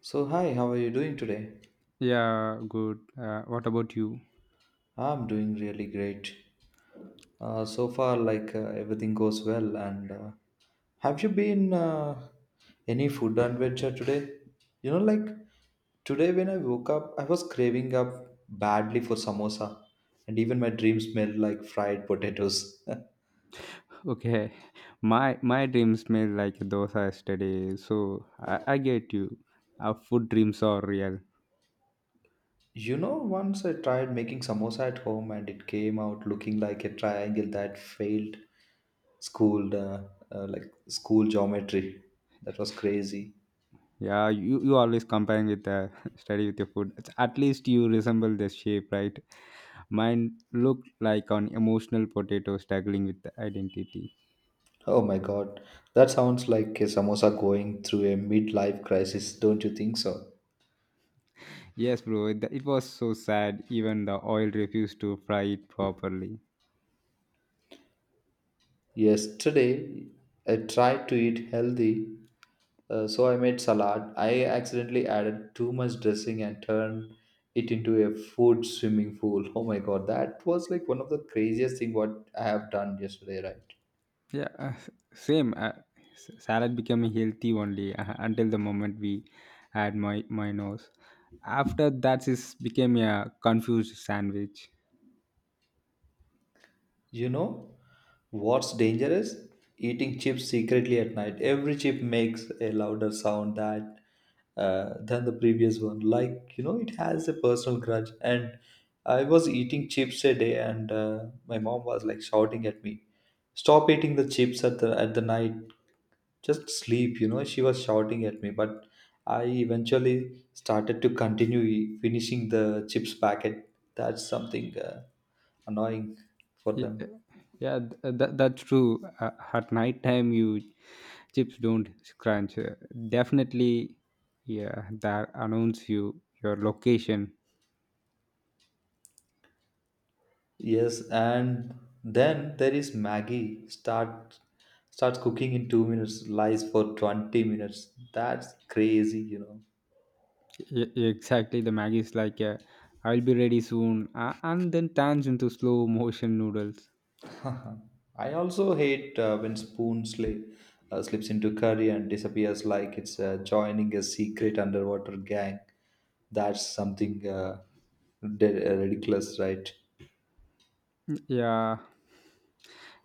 So, hi, how are you doing today? Yeah, good. What about you? I'm doing really great. So far, like everything goes well. And have you been any food adventure today? You know, like today when I woke up, I was craving up badly for samosa, and even my dream smelled like fried potatoes. Okay, my dreams smell like dosa yesterday, so I get you. Our food dreams are real. You know, once I tried making samosa at home and it came out looking like a triangle that failed school, uh, like school geometry. That was crazy. Yeah, you always comparing with the study with your food. At least you resemble the shape, right? Mine looked like an emotional potato struggling with the identity. Oh my god, that sounds like a samosa going through a midlife crisis, don't you think so? Yes, bro, it was so sad. Even the oil refused to fry it properly. Yesterday, I tried to eat healthy. So I made salad. I accidentally added too much dressing and turned it into a food swimming pool. Oh my god, that was like one of the craziest thing what I have done yesterday, right? Yeah, same. Salad became healthy only until the moment we had my nose. After that, it became a confused sandwich. You know what's dangerous? Eating chips secretly at night. Every chip makes a louder sound that than the previous one. Like you know, it has a personal grudge. And I was eating chips a day, and my mom was like shouting at me, "Stop eating the chips at the night." Just sleep, you know. She was shouting at me, but I eventually started to continue finishing the chips packet. That's something annoying for Y- uh, them. Yeah, that's true. At night time, you chips don't crunch. Definitely, yeah, that announce you your location. Yes, and then there is maggie starts cooking in 2 minutes, lies for 20 minutes. That's crazy, you know. Exactly, the Maggie is like, I'll be ready soon, and then turns into slow motion noodles. I also hate when spoon slips into curry and disappears like it's joining a secret underwater gang. That's something ridiculous, right? Yeah,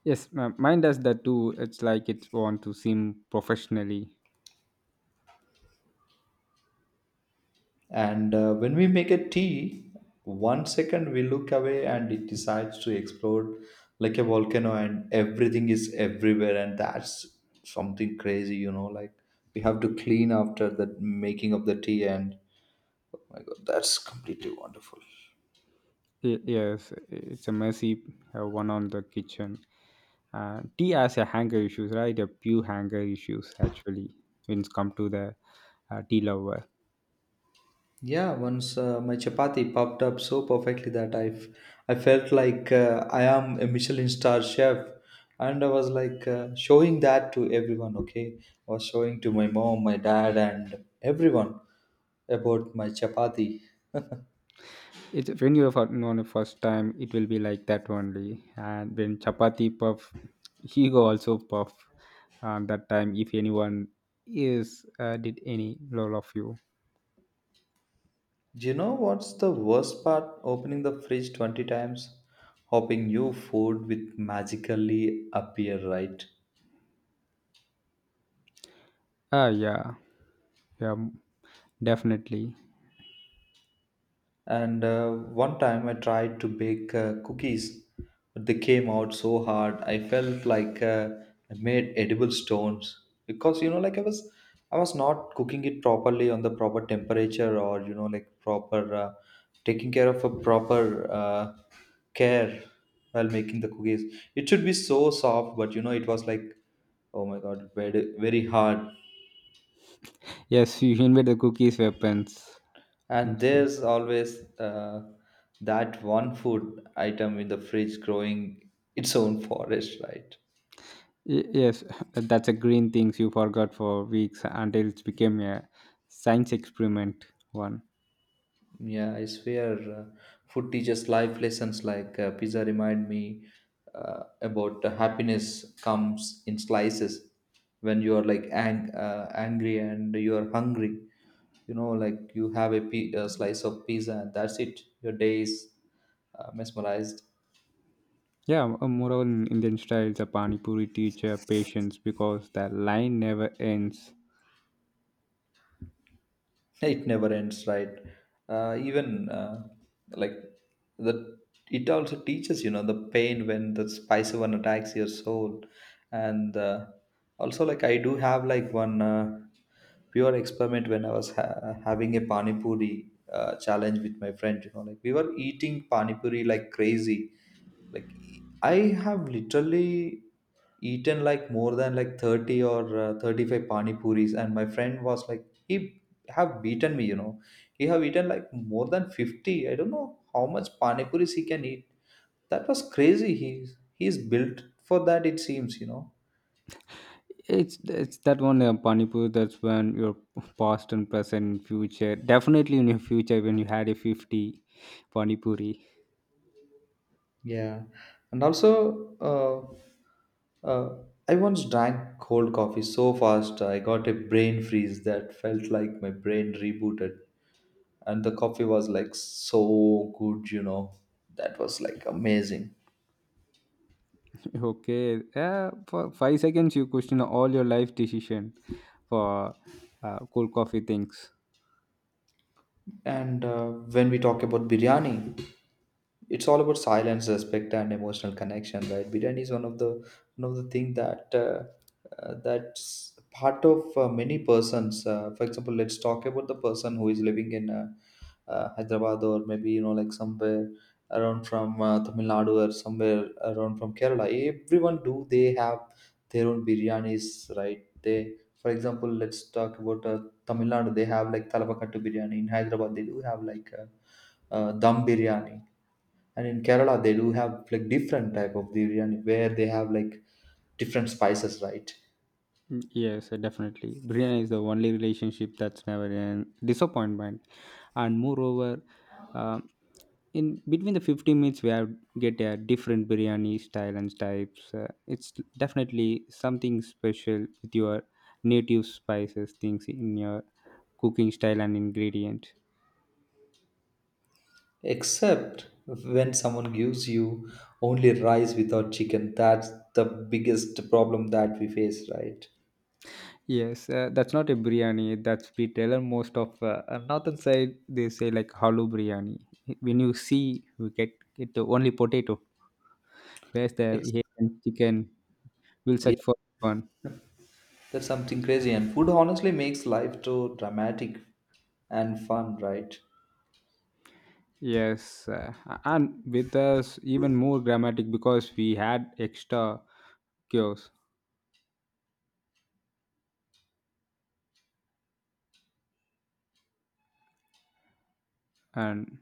yes, mine does that too. It's like it want to seem professionally. And when we make a tea, one second we look away and it decides to explode like a volcano, and everything is everywhere. And that's something crazy, you know. Like we have to clean after the making of the tea, and my God, that's completely wonderful. Yes, it's a messy one on the kitchen. Tea has a hanger issues, right? A few hanger issues actually when it's come to the tea lover. Yeah, once my chapati popped up so perfectly that I felt like I am a Michelin star chef. And I was like showing that to everyone, okay? I was showing to my mom, my dad, and everyone about my chapati. It's when you're for, on the first time, it will be like that only. And when chapati puff, he go also puff. That time, if anyone is did any lol of you, Do you know what's the worst part? Opening the fridge 20 times, hoping new food will magically appear, right? Yeah, yeah, definitely. And one time I tried to bake cookies, but they came out so hard. I felt like I made edible stones, because you know, I was not cooking it properly on the proper temperature, or you know, like proper taking care of a proper care while making the cookies. It should be so soft, but you know, it was like, oh my god, very very hard. Yes, you invade the cookies weapons. And Mostly. there's always that one food item in the fridge growing its own forest, right? Yes, that's a green things you forgot for weeks until it became a science experiment one. Yeah, I swear, food teaches life lessons, like pizza remind me about the happiness comes in slices when you are like angry and you are hungry. You know, like you have a slice of pizza and that's it. Your day is mesmerized. Yeah, moreover in Indian style, the pani puri teacher patience because the line never ends. It never ends, right? Uh, even uh, like the it also teaches, you know, the pain when the spicy one attacks your soul. And also, like, I do have like one pure experiment when I was having a pani puri challenge with my friend. You know, like we were eating pani puri like crazy. I have literally eaten like more than like 30 or 35 pani puris, and my friend was like he have beaten me, you know. He have eaten like more than 50. I don't know how much panipuris he can eat. That was crazy. He's built for that, it seems, you know. It's that one pani puri. That's when your past and present, and future. Definitely in your future when you had a 50 pani puri. Yeah. And also uh, uh, I once drank cold coffee so fast I got a brain freeze that felt like my brain rebooted, and the coffee was like so good, you know. That was like amazing. Okay, yeah, for 5 seconds you question all your life decision for cool coffee things. And when we talk about biryani, it's all about silence, respect, and emotional connection, right? Biryani is one of the thing that that's part of many persons. For example, let's talk about the person who is living in Hyderabad, or maybe you know like somewhere around from Tamil Nadu or somewhere around from Kerala. Everyone do they have their own biryanis, right? They, for example, let's talk about Tamil Nadu, they have like Talapakattu biryani. In Hyderabad they do have like dum biryani, and in Kerala they do have like different type of biryani where they have like different spices, right? Mm, yes, definitely. Brianna is the only relationship that's never an disappointment, and moreover, um in between the 15 minutes we have get a different biryani style and types. It's definitely something special with your native spices things in your cooking style and ingredient. Except when someone gives you only rice without chicken, that's the biggest problem that we face, right? Yes, that's not a biryani. That's we tell her most of northern side. They say like halal biryani. When you see, we get it only potato. Where's the Ex- Asian chicken? We'll Yeah, search for one. that's something crazy. And food honestly makes life so dramatic and fun, right? Yes, and with us even more dramatic because we had extra kiosks. And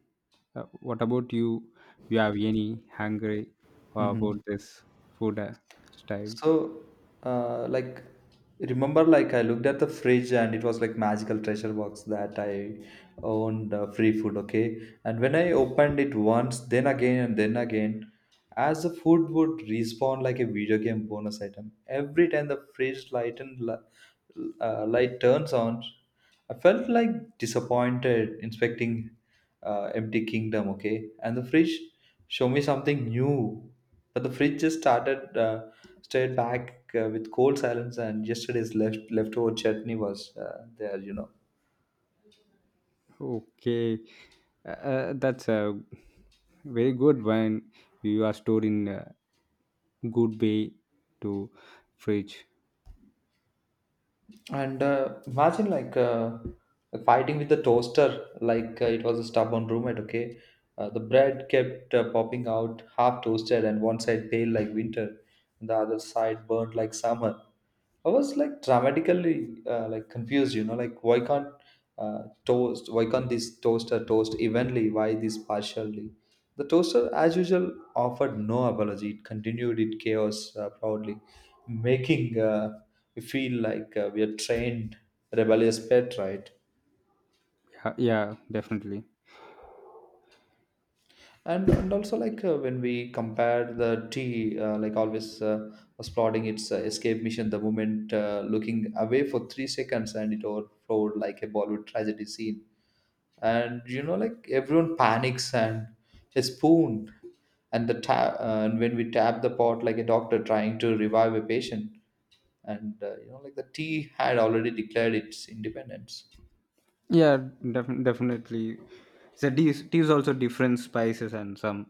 uh, what about you? You have any hungry about Hmm. this food styles? So, uh, like, remember, like, I looked at the fridge and it was like magical treasure box that I owned, free food, okay? And when I opened it once, then again, and then again, as the food would respawn like a video game bonus item, every time the fridge light turns on, I felt like disappointed inspecting empty kingdom, okay? And the fridge show me something new, but the fridge just started stared back with cold silence, and yesterday's leftover chutney was there, you know. Okay, that's a very good when you are stored in a good way to fridge. And imagine like fighting with the toaster, like it was a stubborn roommate. Okay, the bread kept popping out, half toasted, and one side pale like winter, and the other side burnt like summer. I was like dramatically like confused, you know, like why can't toast? Why can't this toaster toast evenly? Why this partially? The toaster, as usual, offered no apology. It continued its chaos proudly, making we feel like we are trained rebellious pet, right? Yeah, yeah, definitely. And also, like, when we compare the tea, like always was plotting its escape mission, the moment looking away for three seconds, and it overflowed like a bollywood tragedy scene, and you know like everyone panics, and a spoon and the tap, and when we tap the pot like a doctor trying to revive a patient. And you know, like the tea had already declared its independence. Yeah, definitely. So teas also different spices and some,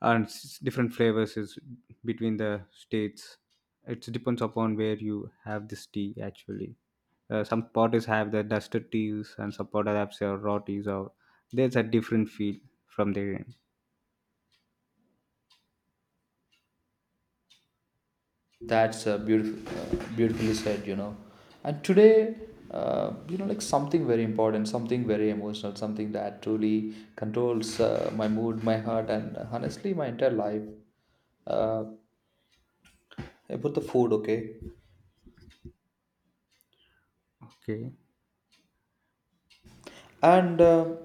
and different flavors is between the states. It depends upon where you have this tea actually. Some potters have the dusted teas, and some potters have say, raw teas, or there's a different feel from their end. That's beautifully said, you know. And today, you know, like something very important, something very emotional, something that truly controls my mood, my heart, and honestly, my entire life. Uh, about the food, okay? Okay. And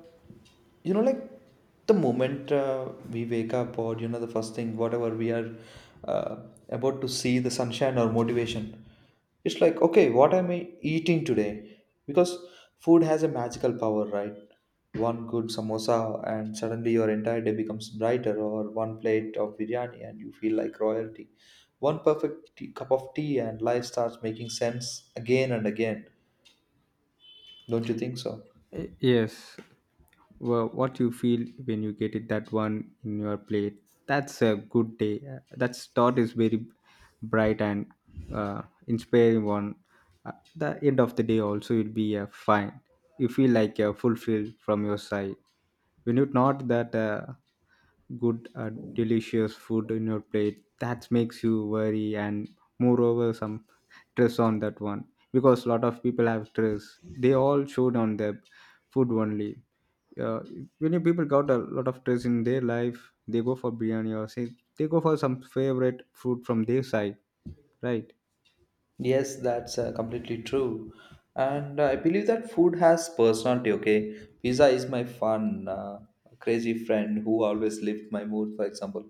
you know, like the moment we wake up, or you know, the first thing whatever we are uh, about to see the sunshine or motivation, it's like, okay, what am I eating today? Because food has a magical power, right? One good samosa and suddenly your entire day becomes brighter, or one plate of biryani and you feel like royalty, one perfect cup of tea and life starts making sense again and again. Don't you think so? Yes. Well, what you feel when you get it that one in your plate. That's a good day. That thought is very bright and inspiring one. At the end of the day, also it'll be a fine. You feel like you fulfilled from your side. When you not that good, delicious food in your plate, that makes you worry, and moreover some stress on that one because a lot of people have stress they all showed on their food only. uh, when you people got a lot of stress in their life, they go for biryani or say they go for some favorite food from their side, right? Yes, that's completely true. And I believe that food has personality, okay? Pizza is my fun, crazy friend who always lifts my mood, for example.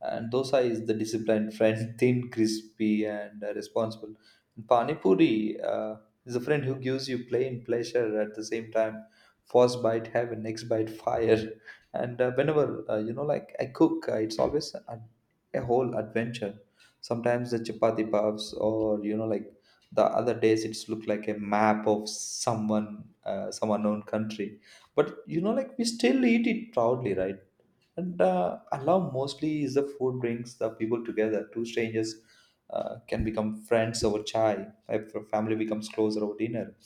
And dosa is the disciplined friend, thin, crispy, and responsible. And Pani Puri is a friend who gives you plain pleasure at the same time. First bite heaven, next bite fire. And whenever, like I cook, it's always a whole adventure. Sometimes the chapati puffs, or like the other days it's look like a map of someone, some unknown country. But like we still eat it proudly, right? And I love mostly is the food brings the people together. Two strangers can become friends over chai, if a family becomes closer over dinner.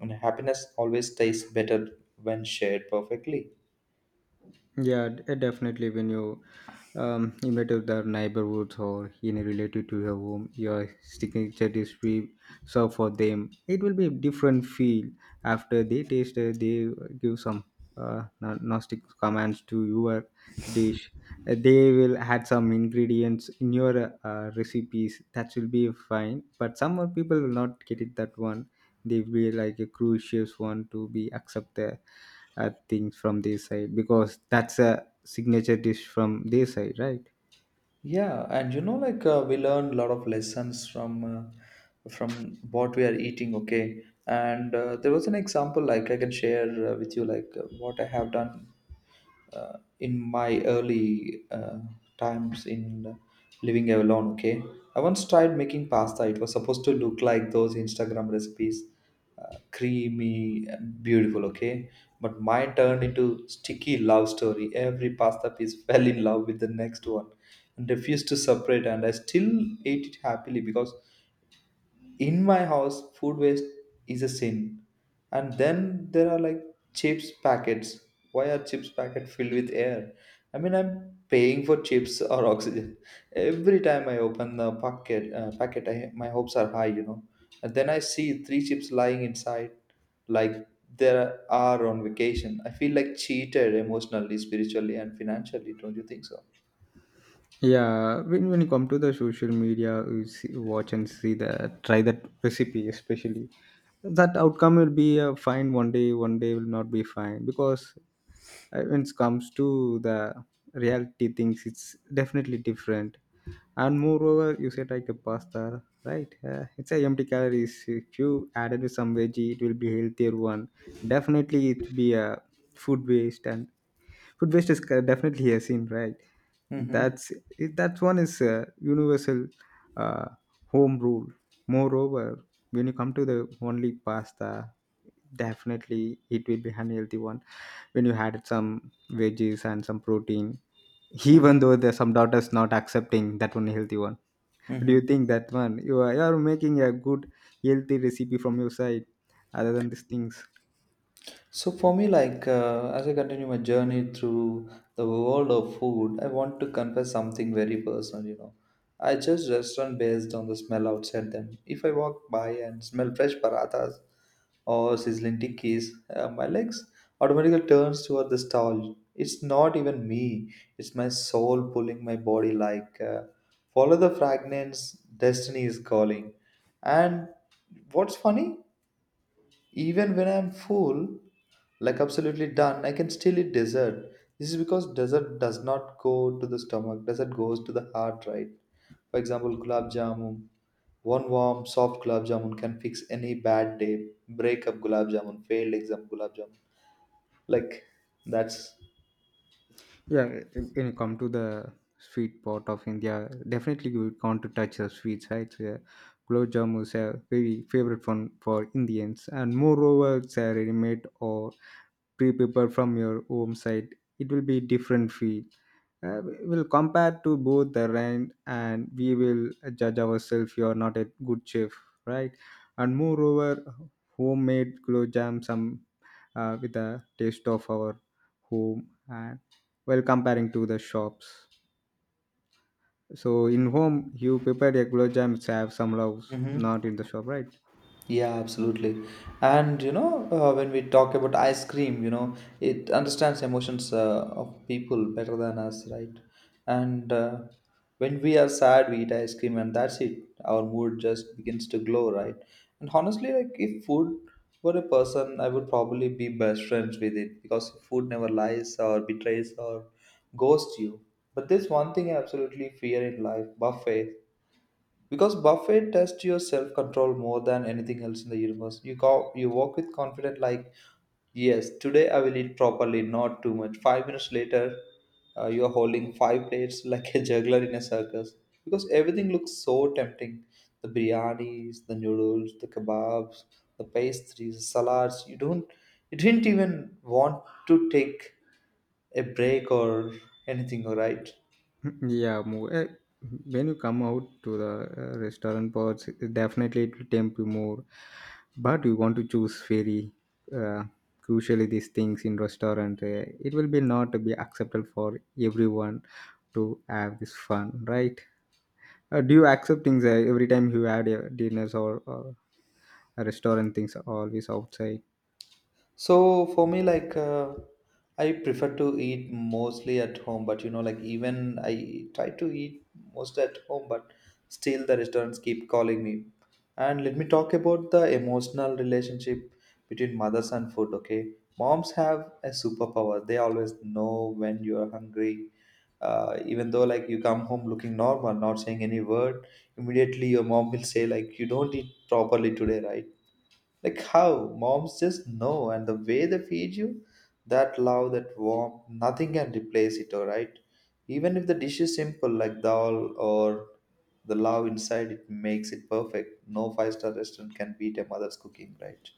And happiness always tastes better when shared perfectly. Yeah, definitely. When you image of the neighborhoods or in related to your home, your signature dish we serve for them. It will be a different feel after they taste. They give some nostalgic commands to your dish. They will add some ingredients in your recipes. That will be fine. But some of people will not get it. That one, they will be like a crucial one to be accepted I think from their side because that's a signature dish from their side, right? Yeah, and like we learn a lot of lessons from what we are eating, okay. And there was an example, like I can share, with you, like what I have done in my early times in living alone, okay. I once tried making pasta. It was supposed to look like those Instagram recipes, creamy and beautiful, okay. But mine turned into sticky love story. Every pasta piece fell in love with the next one and refused to separate. And I still ate it happily, because in my house food waste is a sin. And then there are like chips packets. Why are chips packet filled with air? I mean, I'm paying for chips or oxygen? Every time I open the packet, my hopes are high. And then I see three chips lying inside, like there are on vacation. I feel like cheated emotionally, spiritually, and financially. Don't you think so? Yeah, when you come to the social media, you see, watch and see the try that recipe, especially that outcome will be fine one day. One day will not be fine because when it comes to the reality things, it's definitely different. And moreover, you said like a pasta, right? It's a empty calories. If you add it with some veggie, it will be healthier one. Definitely, it be a food waste, and food waste is definitely a sin, right? Mm-hmm. That's that one is a universal uh, home rule. Moreover, when you come to the only pasta, definitely it will be unhealthy one. When you had some veggies and some protein, even though there's some daughters not accepting that one healthy one, do you Mm-hmm. think that one? You are making a good healthy recipe from your side other than these things. So for me, like as I continue my journey through the world of food, I want to confess something very personal. I judge restaurant based on the smell outside them. If I walk by and smell fresh parathas or sizzling tikkis, my legs automatically turns toward the stall. It's not even me; it's my soul pulling my body. Like, follow the fragments, destiny is calling. And what's funny? Even when I'm full, like absolutely done, I can still eat dessert. This is because dessert does not go to the stomach, dessert goes to the heart, right? For example, gulab jamun. One warm, soft gulab jamun can fix any bad day. Breakup gulab jamun, failed exam gulab jamun. Like that's. Yeah, when you come to the sweet part of India, definitely you would want to touch the sweets, right? So, yeah, Gulab jamun is a very favorite one for Indians, and moreover, it's a ready-made or pre-prepared from your home side. It will be different feel, we'll compare to both the rent, and we will judge ourselves you are not a good chef, right? And moreover homemade gulab jam some, with the taste of our home, and well comparing to the shops, so in home you prepare a gulab jam which have some loves, Mm-hmm. not in the shop, right? Yeah, absolutely. And when we talk about ice cream, it understands emotions of people better than us, right? And when we are sad, we eat ice cream, and that's it. Our mood just begins to glow, right? And honestly, like if food were a person, I would probably be best friends with it, because food never lies or betrays or ghosts you. But there's one thing I absolutely fear in life: buffets, because Buffett tests your self control more than anything else in the universe. You go, you walk with confidence, like, yes, today I will eat properly, not too much. 5 minutes later, you are holding five plates like a juggler in a circus. Because everything looks so tempting: the biryanis, the noodles, the kebabs, the pastries, the salads. You didn't even want to take a break or anything, all right? Yeah, when you come out to the restaurant parts, definitely it will tempt you more. But you want to choose very uh, crucially these things in restaurant. It will be not be acceptable for everyone to have this fun, right? Do you accept things every time you had dinners or restaurant things always outside? So for me, like I prefer to eat mostly at home, but like even I try to eat most at home, but still the restaurants keep calling me. And let me talk about the emotional relationship between mothers and food. Okay, moms have a superpower. They always know when you are hungry. Even though like you come home looking normal, not saying any word, immediately your mom will say like you don't eat properly today, right? Like how moms just know, and the way they feed you, that love, that warmth, nothing can replace it, alright? Even if the dish is simple, like dal or the love inside, it makes it perfect. No five-star restaurant can beat a mother's cooking, right?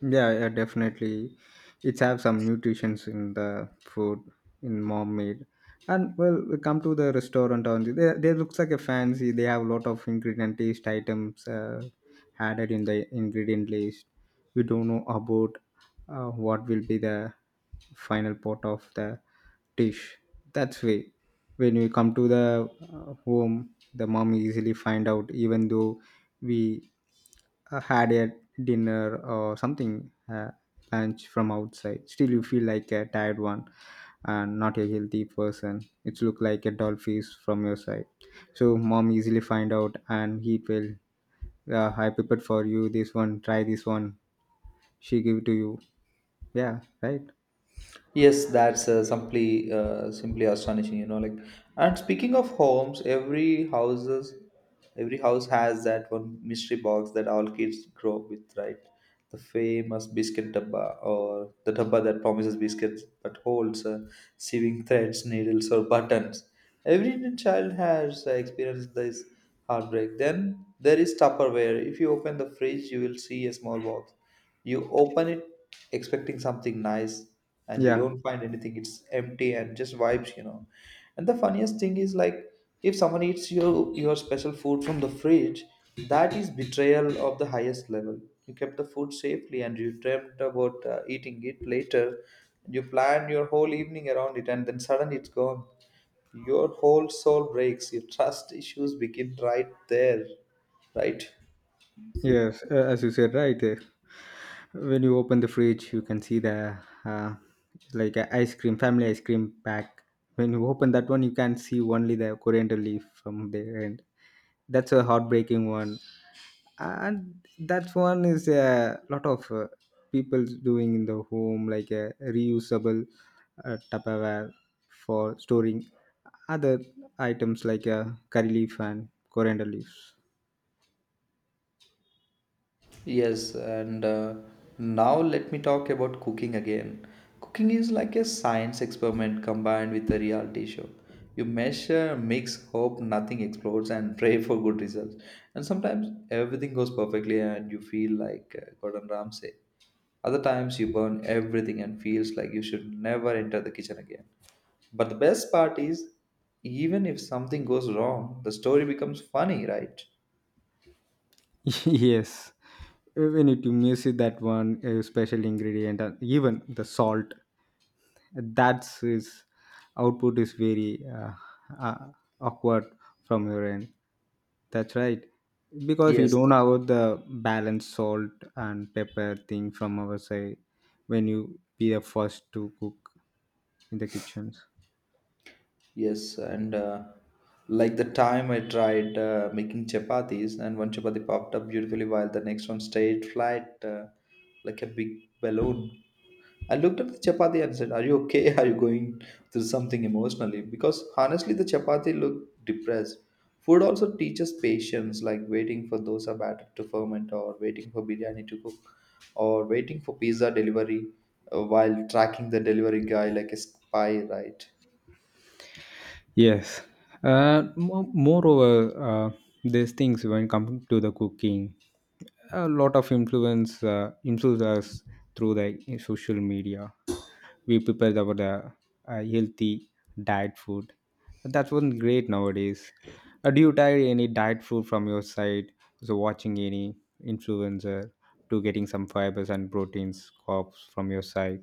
Yeah, yeah, definitely. It's have some nutritions in the food in mom made. And well, we come to the restaurant on they looks like a fancy. They have a lot of ingredient taste items added in the ingredient list. We don't know about what will be the final pot of the dish. That's way. When we come to the home, the mom easily find out even though we had a dinner or something lunch from outside. Still, you feel like a tired one and not a healthy person. It's look like a dull face from your side. So mom easily find out and he will. Yeah, I prepared for you this one. Try this one. She give to you. Yeah, right. Yes, that's simply astonishing. Like, and speaking of homes, every house has that one mystery box that all kids grow up with, right? The famous biscuit dabba, or the dabba that promises biscuits but holds sewing threads, needles, or buttons. Every Indian child has experienced this heartbreak. Then there is Tupperware. If you open the fridge, you will see a small box, you open it expecting something nice, and you Yeah, don't find anything. It's empty and just vibes. And the funniest thing is like if someone eats your special food from the fridge, that is betrayal of the highest level. You kept the food safely and you dreamt about eating it later. You planned your whole evening around it and then suddenly it's gone. Your whole soul breaks. Your trust issues begin right there, right? yes, as you said, right. When you open the fridge, you can see the uh, like a ice cream, family ice cream pack. When you open that one, you can see only the coriander leaf from there, and that's a heartbreaking one. And that one is a lot of people doing in the home, like a reusable Tupperware for storing other items like curry leaf and coriander leaves. Yes, and now let me talk about cooking again. Cooking is like a science experiment combined with a reality show. You measure, mix, hope nothing explodes, and pray for good results. And sometimes everything goes perfectly, and you feel like Gordon Ramsay. Other times you burn everything and feels like you should never enter the kitchen again. But the best part is, even if something goes wrong, the story becomes funny, right? Yes, we need to music that one special ingredient, and even the salt. That's his output is very uh, awkward from your end. That's right. Because we Yes, don't have the balanced salt and pepper thing from our side when you be the first to cook in the kitchens. yes, and like the time I tried making chapatis, and one chapati popped up beautifully while the next one stayed flat, like a big balloon. I looked at the chapati and said, Are you okay? Are you going through something emotionally? Because honestly, the chapati looked depressed. Food also teaches patience, like waiting for dosa batter to ferment, or waiting for biryani to cook, or waiting for pizza delivery, while tracking the delivery guy like a spy, right? Yes. Moreover, these things when coming to the cooking, a lot of influence us through the social media. We prepare about the healthy diet food. That's one great nowadays. Do you try any diet food from your side? So watching any influencer to getting some fibers and proteins, carbs from your side.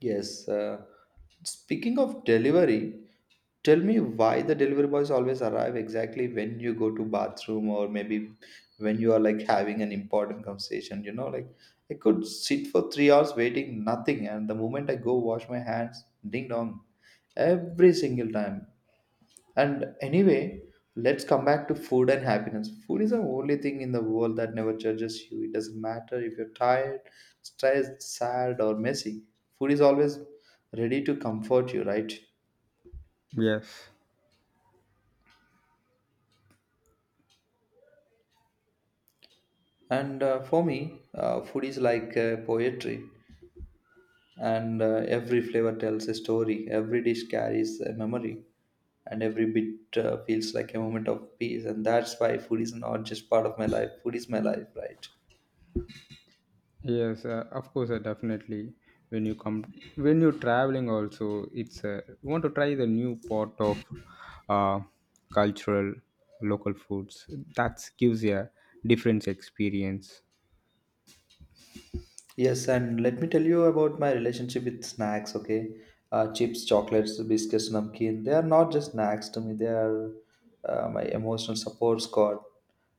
Yes. Speaking of delivery, tell me why the delivery boys always arrive exactly when you go to bathroom, or maybe when you are like having an important conversation. Like I could sit for 3 hours waiting nothing, and the moment I go wash my hands, ding dong, every single time. And anyway, let's come back to food and happiness. Food is the only thing in the world that never judges you. It doesn't matter if you're tired, stressed, sad, or messy. Food is always ready to comfort you, right? Yes. And for me, food is like poetry. And every flavor tells a story, every dish carries a memory, and every bit feels like a moment of peace. And that's why food is not just part of my life, food is my life, right? Yes, of course, definitely. When you come, when you're traveling, also, it's you want to try the new pot of uh, cultural local foods. That gives you a different experience. Yes, and let me tell you about my relationship with snacks, okay? Chips, chocolates, biscuits, namkeen. They are not just snacks to me, they are my emotional support squad.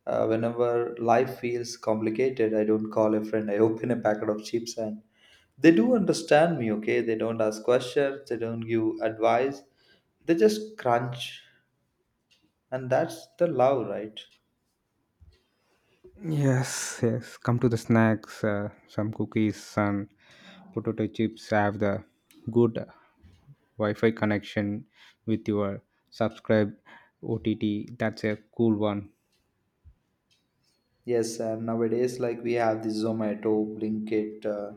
Whenever life feels complicated, I don't call a friend, I open a packet of chips, and they do understand me, okay? They don't ask questions, they don't give advice, they just crunch. And that's the love, right? Yes, yes. Come to the snacks, some cookies, some potato chips. Have the good Wi-Fi connection with your subscribe OTT. That's a cool one. Yes, and nowadays, like we have the Zomato, Blinkit, uh,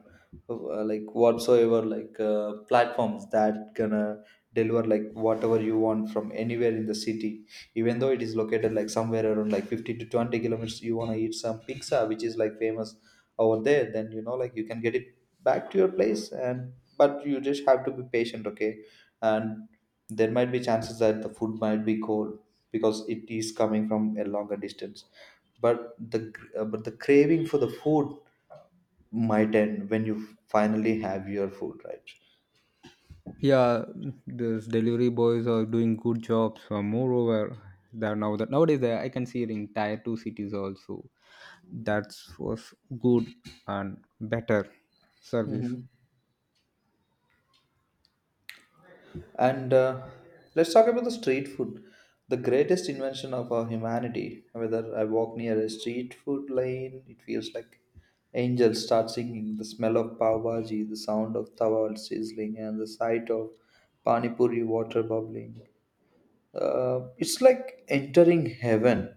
uh, like whatsoever, like platforms that gonna deliver like whatever you want from anywhere in the city. Even though it is located like somewhere around like 50 to 20 kilometers, you wanna eat some pizza, which is like famous over there. Then like you can get it back to your place, and but you just have to be patient, okay? And there might be chances that the food might be cold because it is coming from a longer distance, but the craving for the food might end when you finally have your food, right? Yeah, these delivery boys are doing good jobs, moreover that now that nowadays I can see it in tier 2 cities also. That was good and better Hmm. service. And let's talk about the street food, the greatest invention of our humanity. Whether I walk near a street food lane, it feels like angels start singing. The smell of pav bhaji, the sound of tawa sizzling, and the sight of pani puri water bubbling, it's like entering heaven,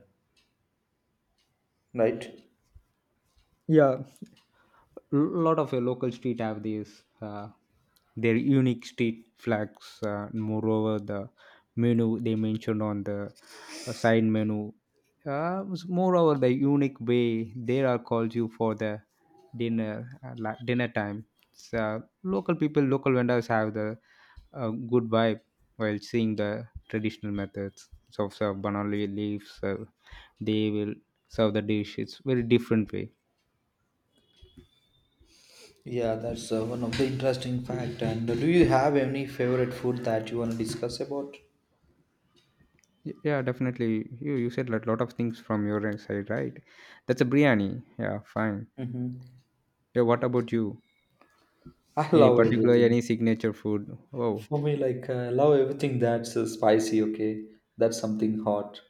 right? Yeah, a lot of local street have these their unique street flags, moreover the menu they mentioned on the side menu, was moreover the unique way they are called you for the dinner time. So local people local vendors have the good vibe while seeing the traditional methods. So banana leaves, they will serve the dish, it's very different way. Yeah, that's one of the interesting fact. And do you have any favorite food that you want to discuss about? Yeah, definitely. You said a lot of things from your side, right? That's a biryani. Yeah, fine. Hmm. Yeah, what about you? I Any love particular everything. any signature food? Oh, For me, like I love everything that's spicy. Okay, that's something hot.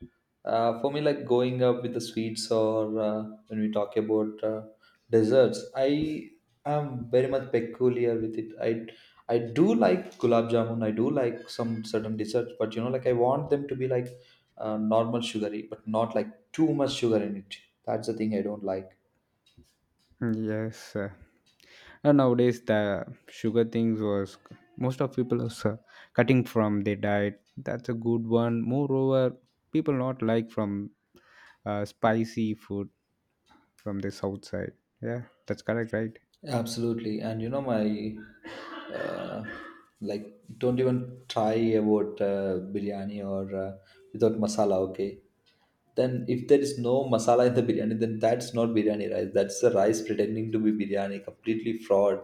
For me, like going up with the sweets, or when we talk about desserts, I am very much peculiar with it. I do like gulab jamun. I do like some certain desserts, but like I want them to be like normal sugary, but not like too much sugar in it. That's the thing I don't like. yes. And nowadays the sugar things was most of people is cutting from their diet. That's a good one. Moreover, people not like from spicy food from the south side. Yeah, that's correct, right? Absolutely, and you know my, uh, like don't even try about biryani or without masala. Okay, then if there is no masala in the biryani, then that's not biryani rice. That's the rice pretending to be biryani, completely fraud.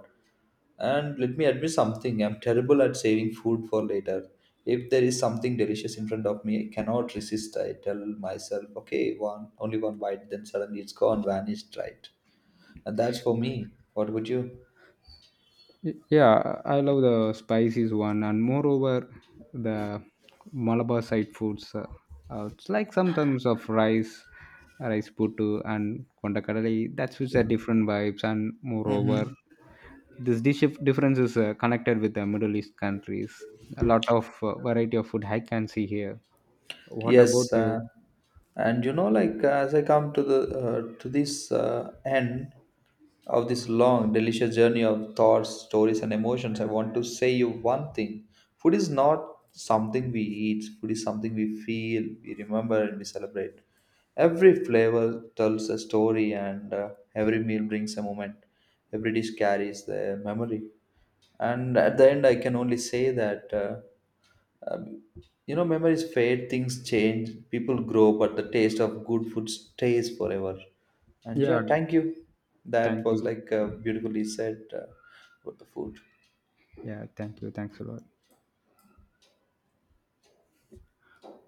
And let me admit something: I'm terrible at saving food for later. If there is something delicious in front of me, I cannot resist. I tell myself, okay, one only one bite, then suddenly it's gone, vanished, right? And that's for me. What about you? Yeah, I love the spices one, and moreover, the Malabar side foods. It's like sometimes of rice, rice puttu, and kondakadali. That's which are different vibes, and moreover, Mm-hmm. this dish difference is connected with the Middle East countries. A lot of variety of food I can see here. What about Yes, you? And like as I come to the to this end of this long, delicious journey of thoughts, stories, and emotions, I want to say you one thing: food is not something we eat. Food is something we feel, we remember, and we celebrate. Every flavor tells a story, and every meal brings a moment. Every dish carries the memory. And at the end, I can only say that. Um, Memories fade, things change, people grow, but the taste of good food stays forever. And yeah, Yeah, thank you. That thank was you. like beautifully said about the food. Yeah, thank you. Thanks a lot.